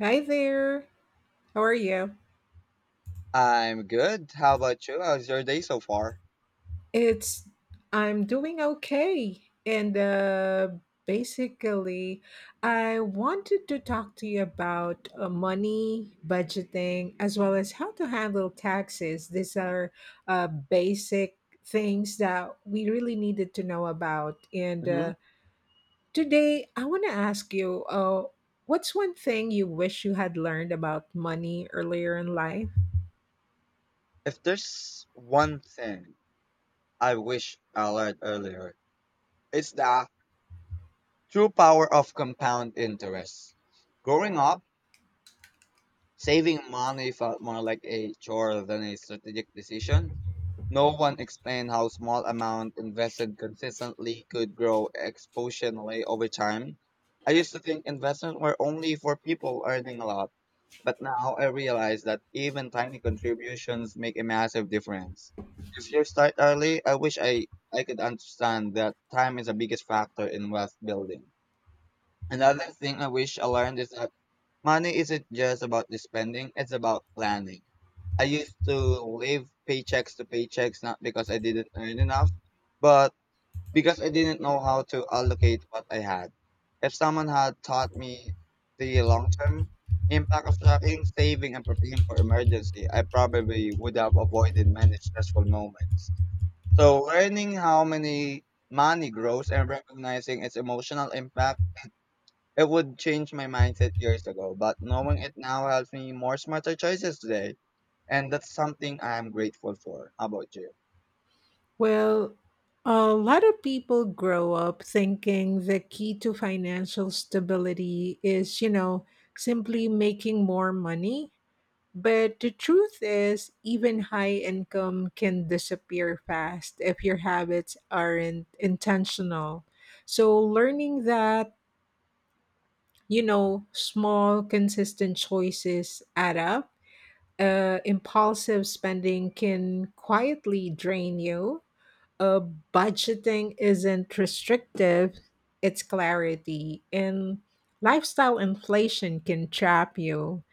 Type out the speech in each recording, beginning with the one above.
Hi there. How are you? I'm good. How about you? How's your day so far? It's I'm doing okay. And basically I wanted to talk to you about money, budgeting, as well as how to handle taxes. These are basic things that we really needed to know about. And hmm today I want to ask you what's one thing you wish you had learned about money earlier in life? If there's one thing I wish I learned earlier, it's the true power of compound interest. Growing up, saving money felt more like a chore than a strategic decision. No one explained how small amount invested consistently could grow exponentially over time. I used to think investments were only for people earning a lot, but now I realize that even tiny contributions make a massive difference. If you start early, I could understand that time is the biggest factor in wealth building. Another thing I wish I learned is that money isn't just about the spending, it's about planning. I used to live paychecks to paychecks not because I didn't earn enough, but because I didn't know how to allocate what I had. If someone had taught me the long term impact of tracking, saving, and preparing for emergency, I probably would have avoided many stressful moments. So, learning how many money grows and recognizing its emotional impact it would change my mindset years ago, but knowing it now helps me more smarter choices today. And that's something I am grateful for. How about you? Well, a lot of people grow up thinking the key to financial stability is, you know, simply making more money. But the truth is, even high income can disappear fast if your habits aren't intentional. So, learning that, you know, small, consistent choices add up, impulsive spending can quietly drain you, uh, budgeting isn't restrictive, it's clarity. And lifestyle inflation can trap you.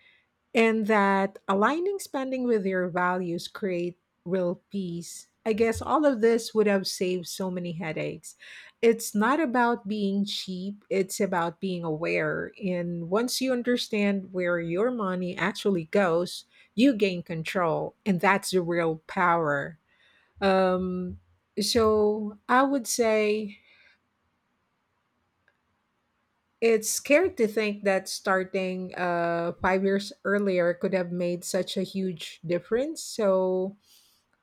And that aligning spending with your values create real peace. I guess all of this would have saved so many headaches. It's not about being cheap, it's about being aware. And once you understand where your money actually goes, you gain control. And that's the real power. Um, so I would say it's scary to think that starting 5 years earlier could have made such a huge difference. So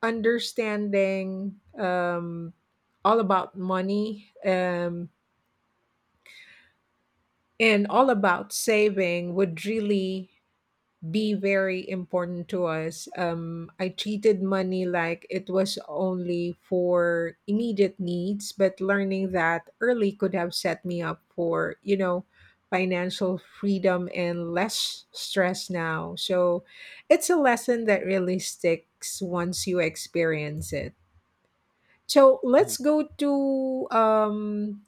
understanding all about money and all about saving would really be very important to us. I treated money like it was only for immediate needs, but learning that early could have set me up for, you know, financial freedom and less stress now. So it's a lesson that really sticks once you experience it. So Mhm.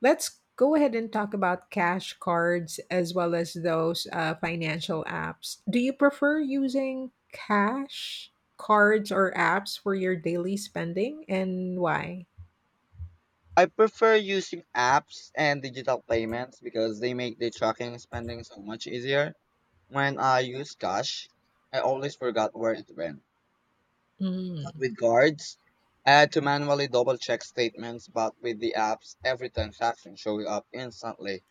let's go ahead and talk about cash cards as well as those financial apps. Do you prefer using cash cards or apps for your daily spending and why? I prefer using apps and digital payments because they make the tracking and spending so much easier. When I use cash, I always forgot where it went. Mm. With cards, I had to manually double check statements, but with the apps, every transaction shows up instantly.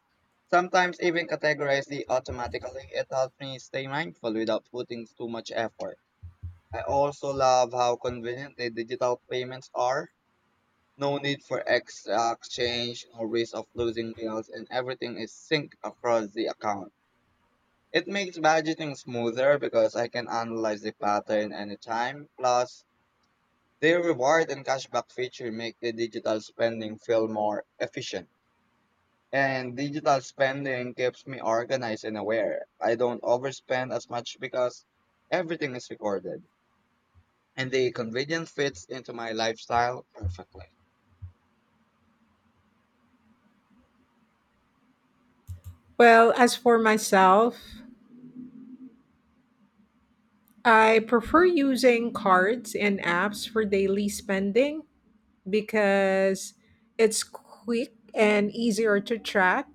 Sometimes even categorize the automatically. It helps me stay mindful without putting too much effort. I also love how convenient the digital payments are. No need for extra exchange, no risk of losing bills, and everything is synced across the account. It makes budgeting smoother because I can analyze the pattern anytime. Plus, the reward and cashback feature make the digital spending feel more efficient. And digital spending keeps me organized and aware. I don't overspend as much because everything is recorded. And the convenience fits into my lifestyle perfectly. Well, as for myself, I prefer using cards and apps for daily spending because it's quick and easier to track.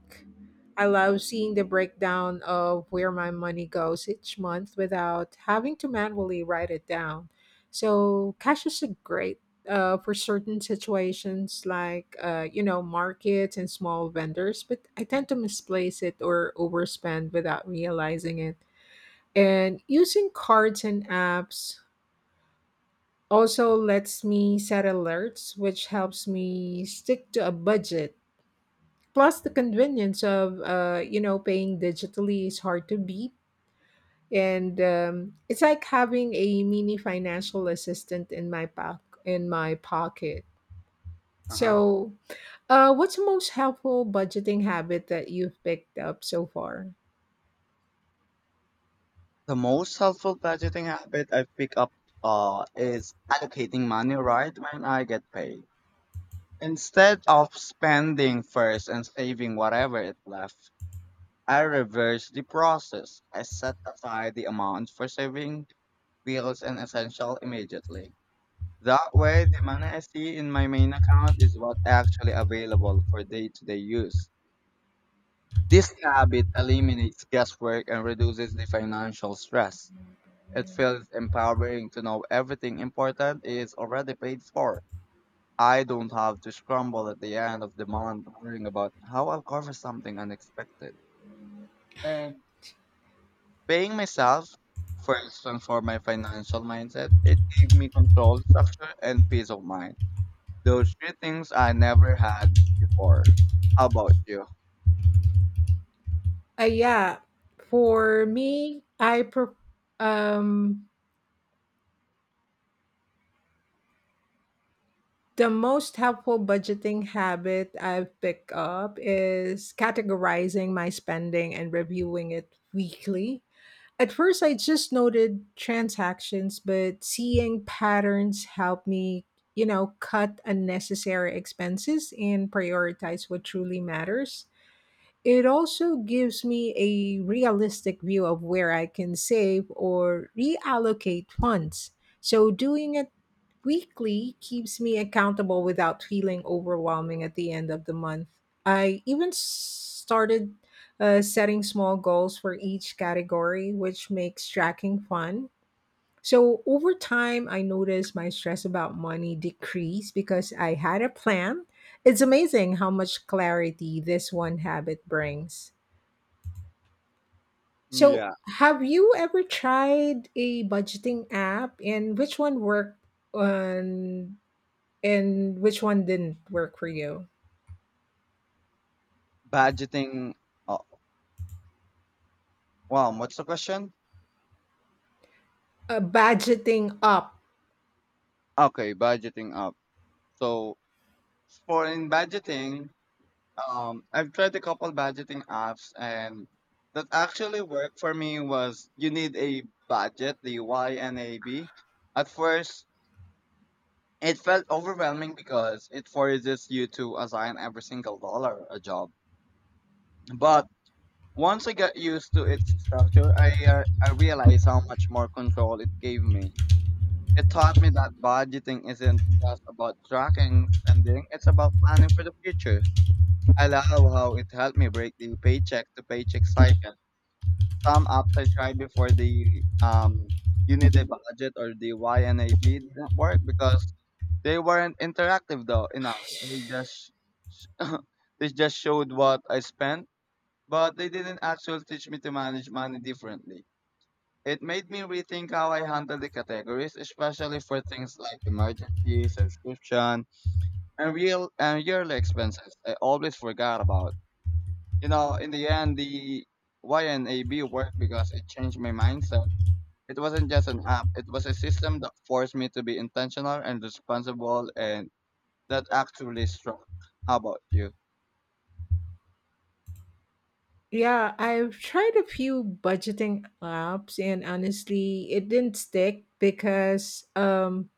I love seeing the breakdown of where my money goes each month without having to manually write it down. So cash is a great for certain situations like you know, markets and small vendors, but I tend to misplace it or overspend without realizing it. And using cards and apps also lets me set alerts which helps me stick to a budget, plus the convenience of you know, paying digitally is hard to beat, and it's like having a mini financial assistant in my pocket. Uh-huh. So what's the most helpful budgeting habit that you've picked up so far? The most helpful budgeting habit I've picked up is allocating money right when I get paid. Instead of spending first and saving whatever is left, I reverse the process. I set aside the amount for saving bills and essential immediately. That way, the money I see in my main account is what actually available for day-to-day use. This habit eliminates guesswork and reduces the financial stress. It feels empowering to know everything important is already paid for. I don't have to scramble at the end of the month worrying about how I'll cover something unexpected. And paying myself first transformed my financial mindset. It gave me control, structure, and peace of mind. Those three things I never had before. How about you? Yeah for me I pre- um The most helpful budgeting habit I've picked up is categorizing my spending and reviewing it weekly. At first, I just noted transactions, but seeing patterns helped me, you know, cut unnecessary expenses and prioritize what truly matters. It also gives me a realistic view of where I can save or reallocate funds. So doing it weekly keeps me accountable without feeling overwhelming at the end of the month. I even s- started setting small goals for each category, which makes tracking fun, so over time, I noticed my stress about money decrease because I had a plan. It's amazing how much clarity this one habit brings. So, Yeah. have you ever tried a budgeting app and which one worked on and which one didn't work for you? Budgeting. Oh, wow, what's the question? Budgeting up. Okay, budgeting up. So for in budgeting, I've tried a couple budgeting apps, and that actually worked for me. Was you need a budget, the Y and a B. At first, it felt overwhelming because it forces you to assign every single dollar a job, but once I got used to its structure, I realized how much more control it gave me. It taught me that budgeting isn't just about tracking spending; it's about planning for the future. I love how it helped me break the paycheck to paycheck cycle. Some apps I tried before the Unity budget or the YNAB didn't work because they weren't interactive though enough. They just they just showed what I spent but they didn't actually teach me to manage money differently. It made me rethink how I handle the categories, especially for things like emergency, subscription, and real and yearly expenses. I always forgot about. You know, in the end, the YNAB worked because it changed my mindset. It wasn't just an app; it was a system that forced me to be intentional and responsible, and that actually struck. How about you? Yeah, I've tried a few budgeting apps and honestly, it didn't stick because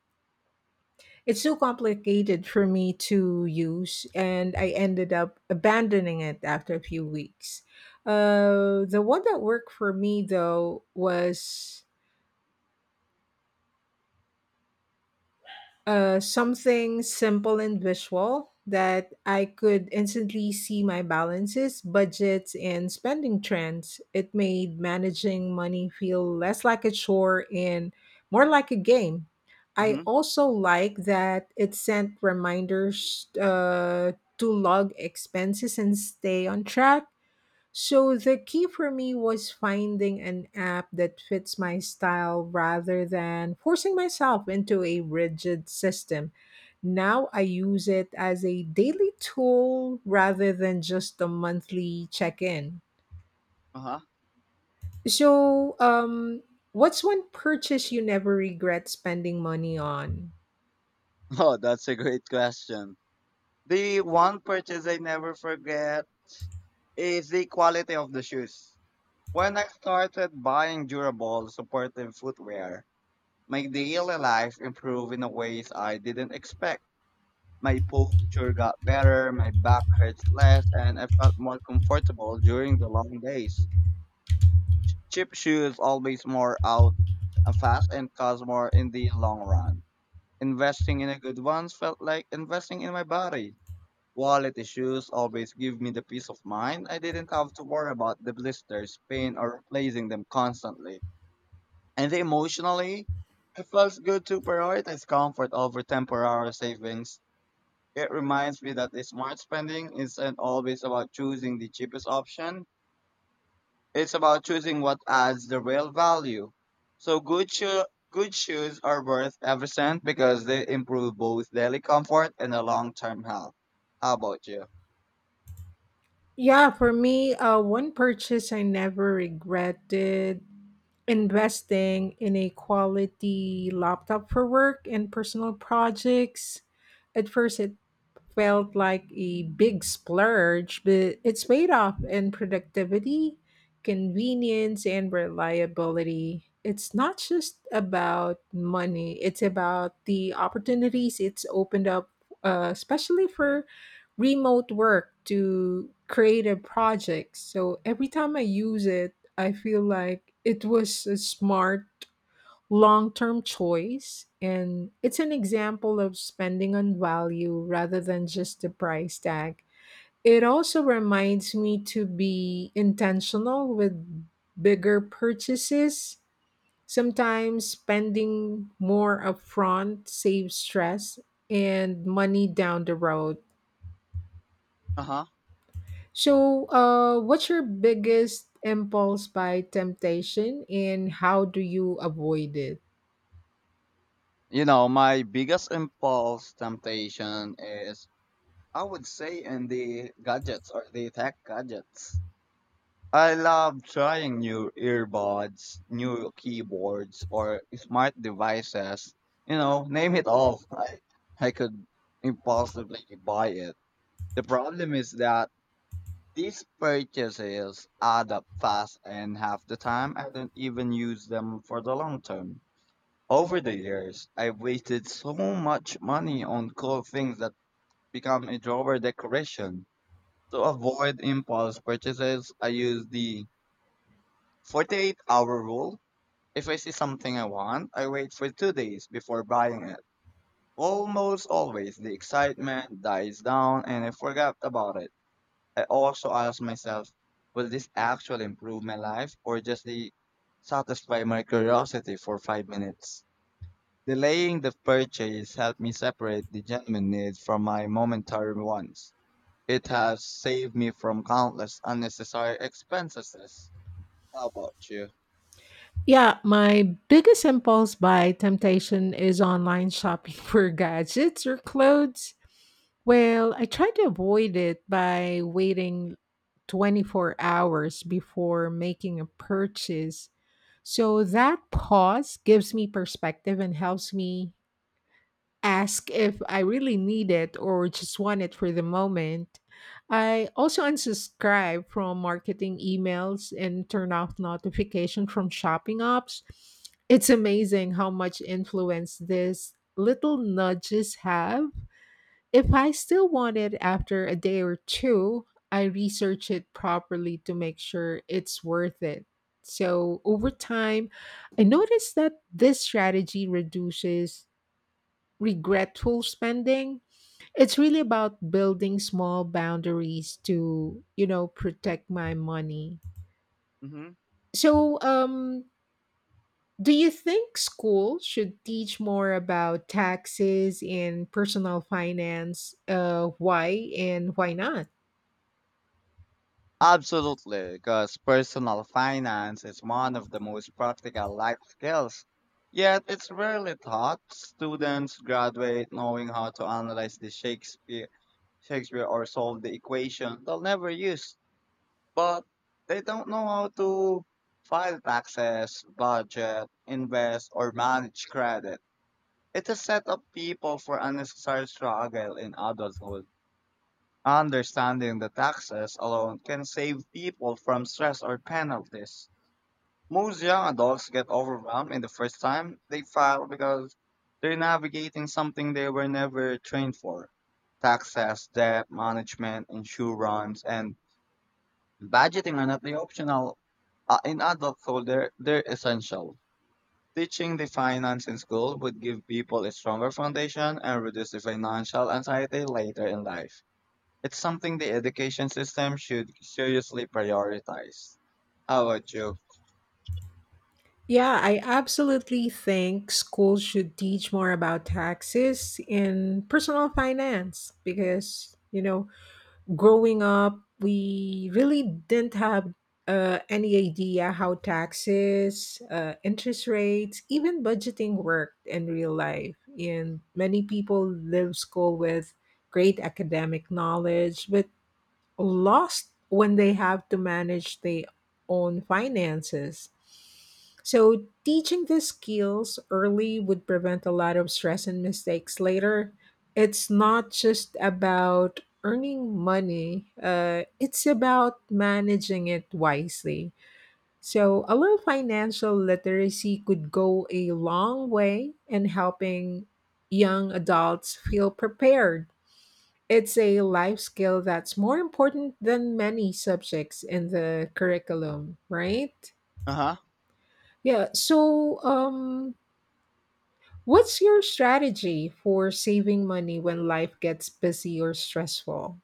it's too complicated for me to use, and I ended up abandoning it after a few weeks. The one that worked for me, though, was something simple and visual that I could instantly see my balances, budgets, and spending trends. It made managing money feel less like a chore and more like a game. I Mm-hmm. also like that it sent reminders to log expenses and stay on track. So the key for me was finding an app that fits my style rather than forcing myself into a rigid system. Now I use it as a daily tool rather than just a monthly check in. Uh huh. So, what's one purchase you never regret spending money on? Oh, that's a great question. The one purchase I never forget is the quality of the shoes. When I started buying durable, supportive footwear, my daily life improved in a ways I didn't expect. My posture got better, my back hurts less, and I felt more comfortable during the long days. Cheap shoes always more out fast and cost more in the long run. Investing in a good ones felt like investing in my body. Wallet issues always give me the peace of mind. I didn't have to worry about the blisters, pain, or replacing them constantly. And emotionally, it feels good to prioritize comfort over temporary savings. It reminds me that the smart spending isn't always about choosing the cheapest option. It's about choosing what adds the real value. So good shoes are worth every cent because they improve both daily comfort and the long-term health. How about you? Yeah, for me, one purchase I never regretted, investing in a quality laptop for work and personal projects. At first, it felt like a big splurge, but it's paid off in productivity, convenience, and reliability. It's not just about money, it's about the opportunities it's opened up, especially for remote work to creative projects. So every time I use it, I feel like it was a smart long term choice. And it's an example of spending on value rather than just the price tag. It also reminds me to be intentional with bigger purchases. Sometimes spending more upfront saves stress and money down the road. Uh-huh. So, what's your biggest impulse buy temptation and how do you avoid it? You know, my biggest impulse temptation is, I would say, in the gadgets or the tech gadgets. I love trying new earbuds, new keyboards, or smart devices. You know, name it all. I could impulsively buy it. The problem is that these purchases add up fast, and half the time I don't even use them for the long term. Over the years, I've wasted so much money on cool things that become a drawer decoration. To avoid impulse purchases, I use the 48-hour rule. If I see something I want, I wait for 2 days before buying it. Almost always, the excitement dies down and I forgot about it. I also ask myself, will this actually improve my life or just the satisfy my curiosity for 5 minutes? Delaying the purchase helped me separate the genuine needs from my momentary wants. It has saved me from countless unnecessary expenses. How about you? Yeah, my biggest impulse buy temptation is online shopping for gadgets or clothes. Well, I try to avoid it by waiting 24 hours before making a purchase. So that pause gives me perspective and helps me ask if I really need it or just want it for the moment. I also unsubscribe from marketing emails and turn off notification from shopping apps. It's amazing how much influence these little nudges have. If I still want it after a day or two, I research it properly to make sure it's worth it. So over time, I noticed that this strategy reduces regretful spending. It's really about building small boundaries to, you know, protect my money. hmm So, do you think school should teach more about taxes and personal finance? Why and why not? Absolutely, because personal finance is one of the most practical life skills. Yet it's rarely taught. Students graduate knowing how to analyze Shakespeare or solve the equation they'll never use, but they don't know how to file taxes, budget, invest, or manage credit. It has set up people for unnecessary struggle in adulthood. Understanding the taxes alone can save people from stress or penalties. Most young adults get overwhelmed in the first time they file because they're navigating something they were never trained for. Taxes, debt management, insurance, and budgeting are not the optional. In adulthood, they're essential. Teaching the finance in school would give people a stronger foundation and reduce the financial anxiety later in life. It's something the education system should seriously prioritize. How about you? Yeah, I absolutely think schools should teach more about taxes and personal finance because, you know, growing up, we really didn't have any idea how taxes, interest rates, even budgeting worked in real life. And many people leave school with great academic knowledge, but lost when they have to manage their own finances. So, teaching these skills early would prevent a lot of stress and mistakes later. It's not just about earning money, it's about managing it wisely. So, a little financial literacy could go a long way in helping young adults feel prepared. It's a life skill that's more important than many subjects in the curriculum, right? Uh huh. Yeah. So, what's your strategy for saving money when life gets busy or stressful?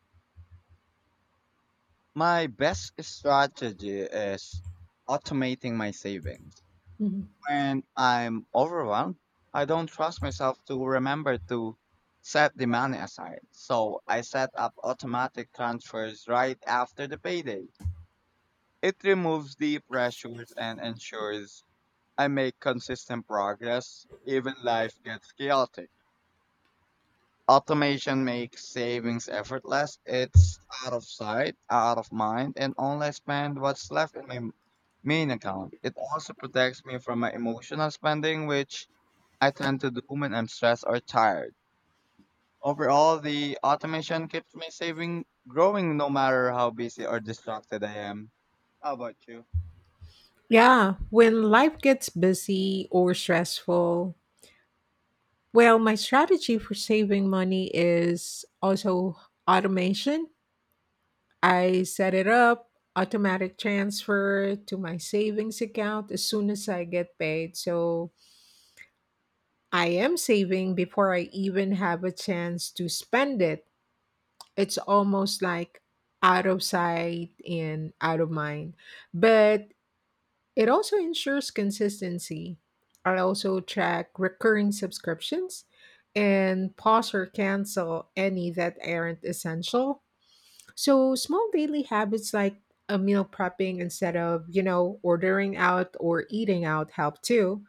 My best strategy is automating my savings. Mhm. When I'm overwhelmed, I don't trust myself to remember to set the money aside. So I set up automatic transfers right after the payday. It removes the pressures and ensures I make consistent progress even life gets chaotic. Automation makes savings effortless. It's out of sight, out of mind, and only I spend what's left in my main account. It also protects me from my emotional spending, which I tend to do when I'm stressed or tired. Overall, the automation keeps me saving, growing no matter how busy or distracted I am. How about you? Yeah, when life gets busy or stressful, well, my strategy for saving money is also automation. I set it up automatic transfer to my savings account as soon as I get paid. So I am saving before I even have a chance to spend it. It's almost like out of sight and out of mind. But it also ensures consistency. I also track recurring subscriptions and pause or cancel any that aren't essential. So small daily habits like a meal prepping instead of, you know, ordering out or eating out help too.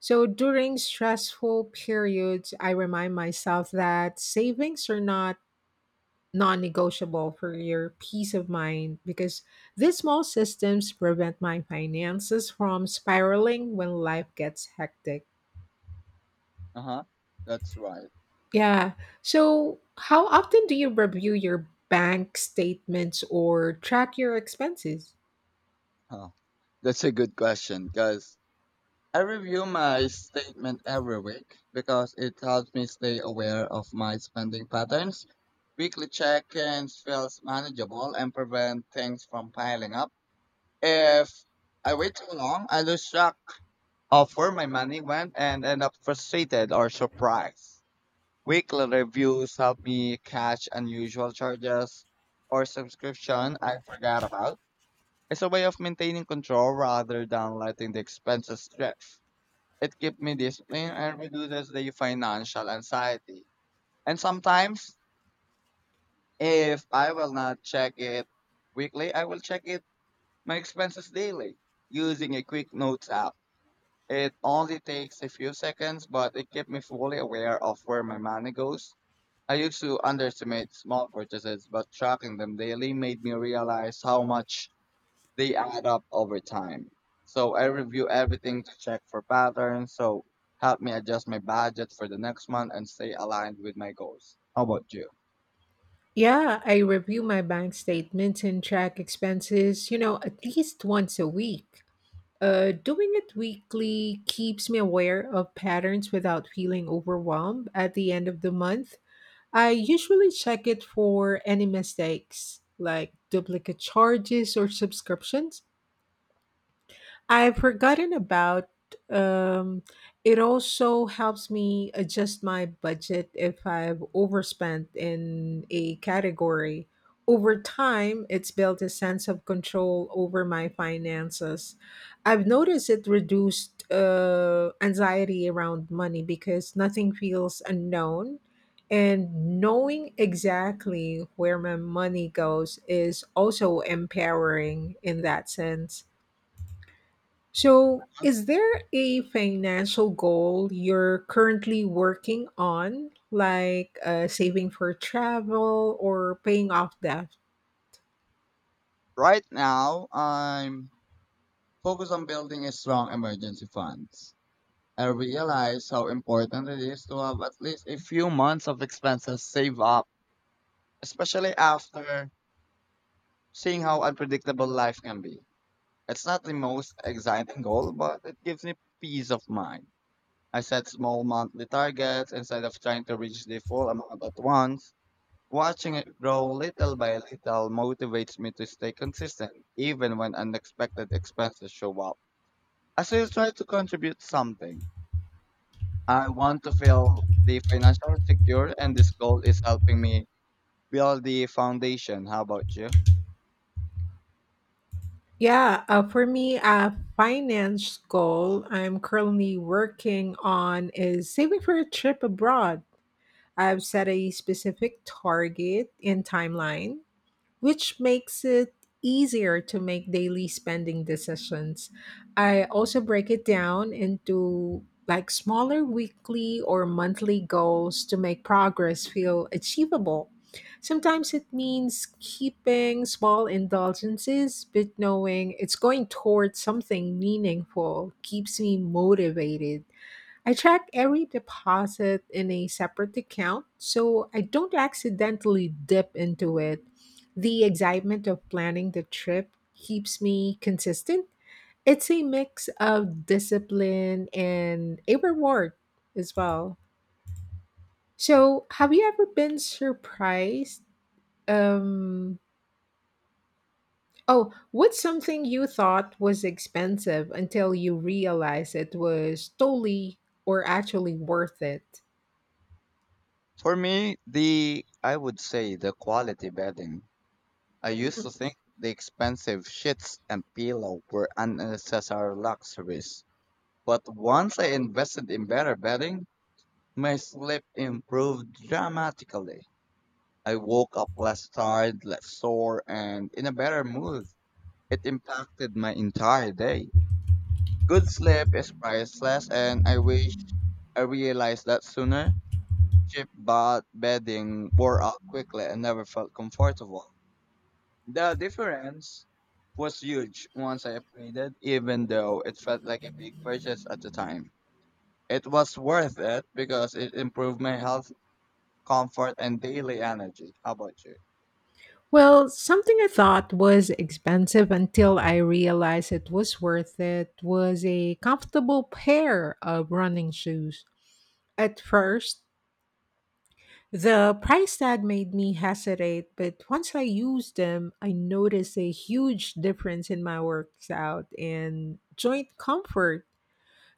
So during stressful periods, I remind myself that savings are not non-negotiable for your peace of mind because these small systems prevent my finances from spiraling when life gets hectic. Uh huh. That's right. Yeah. So, how often do you review your bank statements or track your expenses? Huh. That's a good question because I review my statement every week because it helps me stay aware of my spending patterns. Weekly check-ins feels manageable and prevent things from piling up. If I wait too long, I lose track of where my money went and end up frustrated or surprised. Weekly reviews help me catch unusual charges or subscription I forgot about. It's a way of maintaining control rather than letting the expenses drift. It keeps me disciplined and reduces the financial anxiety. And sometimes, if I will not check it weekly, I will check it my expenses daily using a quick notes app. It only takes a few seconds, but it kept me fully aware of where my money goes. I used to underestimate small purchases, but tracking them daily made me realize how much they add up over time. So I review everything to check for patterns, so help me adjust my budget for the next month and stay aligned with my goals. How about you? Yeah, I review my bank statements and track expenses, you know, at least once a week. Doing it weekly keeps me aware of patterns without feeling overwhelmed at the end of the month. I usually check it for any mistakes, like duplicate charges or subscriptions I've forgotten about. um it also helps me adjust my budget if I've overspent in a category. Over time, it's built a sense of control over my finances. I've noticed it reduced anxiety around money because nothing feels unknown. And knowing exactly where my money goes is also empowering in that sense. So, is there a financial goal you're currently working on, like saving for travel or paying off debt? Right now, I'm focused on building a strong emergency fund. I realize how important it is to have at least a few months of expenses saved up, especially after seeing how unpredictable life can be. It's not the most exciting goal, but it gives me peace of mind. I set small monthly targets instead of trying to reach the full amount at once. Watching it grow little by little motivates me to stay consistent, even when unexpected expenses show up. I still try to contribute something. I want to feel the financial secure, and this goal is helping me build the foundation. How about you? Yeah, for me, a finance goal I'm currently working on is saving for a trip abroad. I've set a specific target and timeline, which makes it easier to make daily spending decisions. I also break it down into like smaller weekly or monthly goals to make progress feel achievable. Sometimes it means keeping small indulgences, but knowing it's going towards something meaningful keeps me motivated. I track every deposit in a separate account so I don't accidentally dip into it. The excitement of planning the trip keeps me consistent. It's a mix of discipline and a reward as well. So, have you ever been surprised? Um, oh, what's something you thought was expensive until you realized it was totally or actually worth it? For me, the I would say the quality bedding. I used to think the expensive sheets and pillow were unnecessary luxuries, but once I invested in better bedding, my sleep improved dramatically. I woke up less tired, less sore, and in a better mood. It impacted my entire day. Good sleep is priceless, and I wish I realized that sooner. Cheap bed bedding wore out quickly and never felt comfortable. The difference was huge once I upgraded, even though it felt like a big purchase at the time. It was worth it because it improved my health, comfort, and daily energy. How about you? Well, something I thought was expensive until I realized it was worth it was a comfortable pair of running shoes. At first, the price tag made me hesitate, but once I used them, I noticed a huge difference in my workout and joint comfort.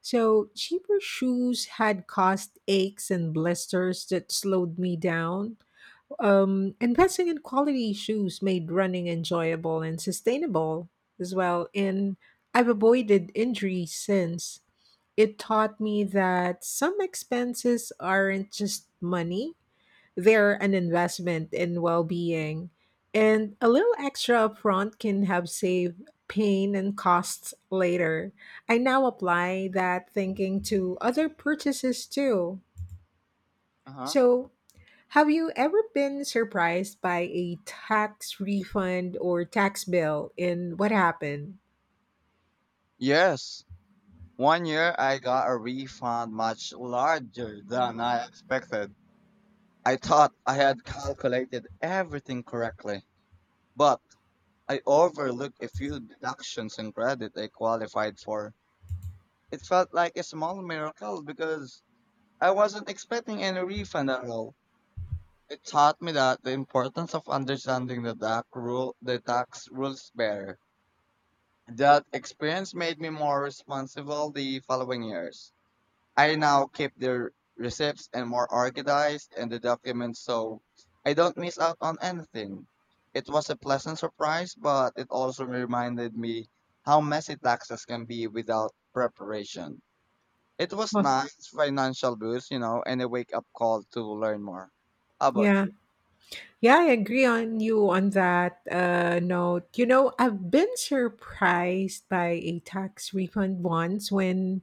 So, cheaper shoes had caused aches and blisters that slowed me down. Investing in quality shoes made running enjoyable and sustainable as well. And I've avoided injury since. It taught me that some expenses aren't just money, they're an investment in well being. And a little extra upfront can help save pain and costs later. I now apply that thinking to other purchases too. Uh-huh. So, have you ever been surprised by a tax refund or tax bill and what happened? Yes. One year I got a refund much larger than I expected. I thought I had calculated everything correctly, but I overlooked a few deductions and credit I qualified for. It felt like a small miracle because I wasn't expecting any refund at all. It taught me that the importance of understanding the tax rules better. That experience made me more responsible the following years. I now keep the receipts and more organized and the documents so I don't miss out on anything. It was a pleasant surprise, but it also reminded me how messy taxes can be without preparation. It was Huh. nice financial boost, you know, and a wake up call to learn more. How about Yeah. you? Yeah, I agree on you on that note. You know, I've been surprised by a tax refund once when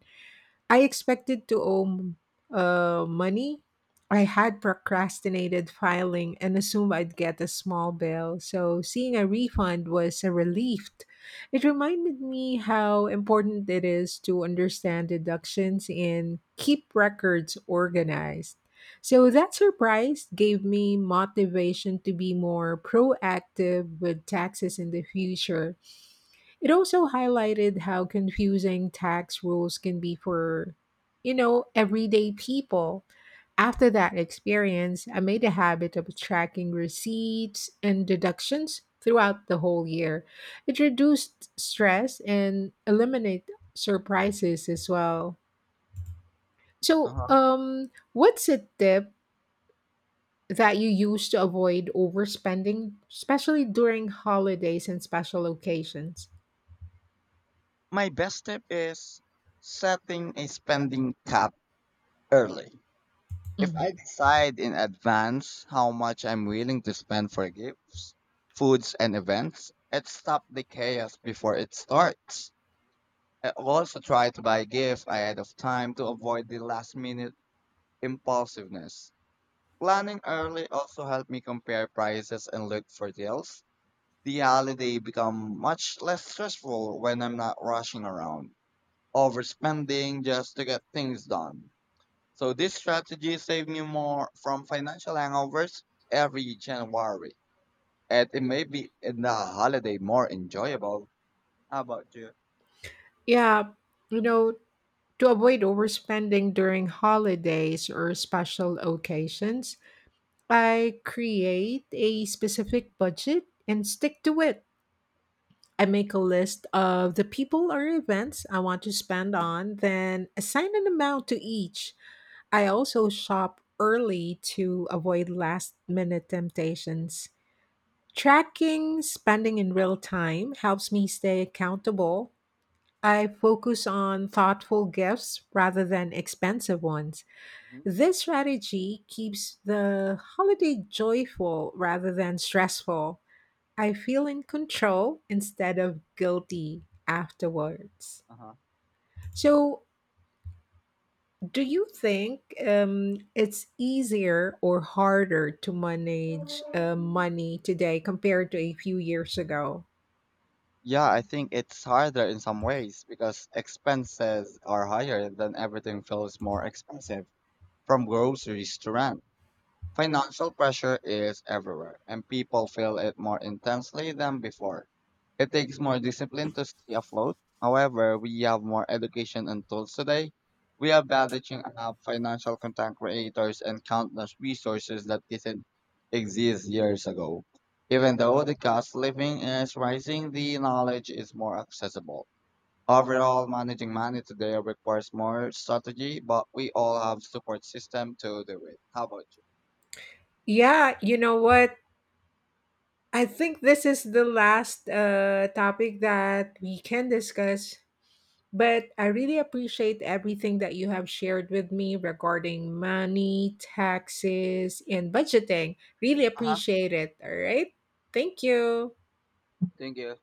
I expected to owe money. I had procrastinated filing and assumed I'd get a small bill, so seeing a refund was a relief. It reminded me how important it is to understand deductions and keep records organized. So that surprise gave me motivation to be more proactive with taxes in the future. It also highlighted how confusing tax rules can be for, you know, everyday people. After that experience, I made a habit of tracking receipts and deductions throughout the whole year. It reduced stress and eliminate surprises as well. So, Uh-huh. What's a tip that you use to avoid overspending, especially during holidays and special occasions? My best tip is setting a spending cap early. If Mhm. I decide in advance how much I'm willing to spend for gifts, foods, and events, it stops the chaos before it starts. I also try to buy gifts ahead of time to avoid the last minute impulsiveness. Planning early also helped me compare prices and look for deals. The holiday become much less stressful when I'm not rushing around, overspending just to get things done. So this strategy saved me more from financial hangovers every January. And it made me in the holiday more enjoyable. How about you? Yeah, you know, to avoid overspending during holidays or special occasions, I create a specific budget and stick to it. I make a list of the people or events I want to spend on, then assign an amount to each. I also shop early to avoid last minute temptations. Tracking spending in real time helps me stay accountable. I focus on thoughtful gifts rather than expensive ones. Mhm. This strategy keeps the holiday joyful rather than stressful. I feel in control instead of guilty afterwards. Uh-huh. So, do you think it's easier or harder to manage money today compared to a few years ago? Yeah, I think it's harder in some ways because expenses are higher, then everything feels more expensive from groceries to rent. Financial pressure is everywhere, and people feel it more intensely than before. It takes more discipline to stay afloat. However, we have more education and tools today. We are leveraging up financial content creators and countless resources that didn't exist years ago. Even though the cost of living is rising, the knowledge is more accessible. Overall, managing money today requires more strategy, but we all have support system to do it. How about you? Yeah, you know what? I think this is the last topic that we can discuss, but I really appreciate everything that you have shared with me regarding money, taxes, and budgeting. Really Uh huh. appreciate it. All right. Thank you. Thank you.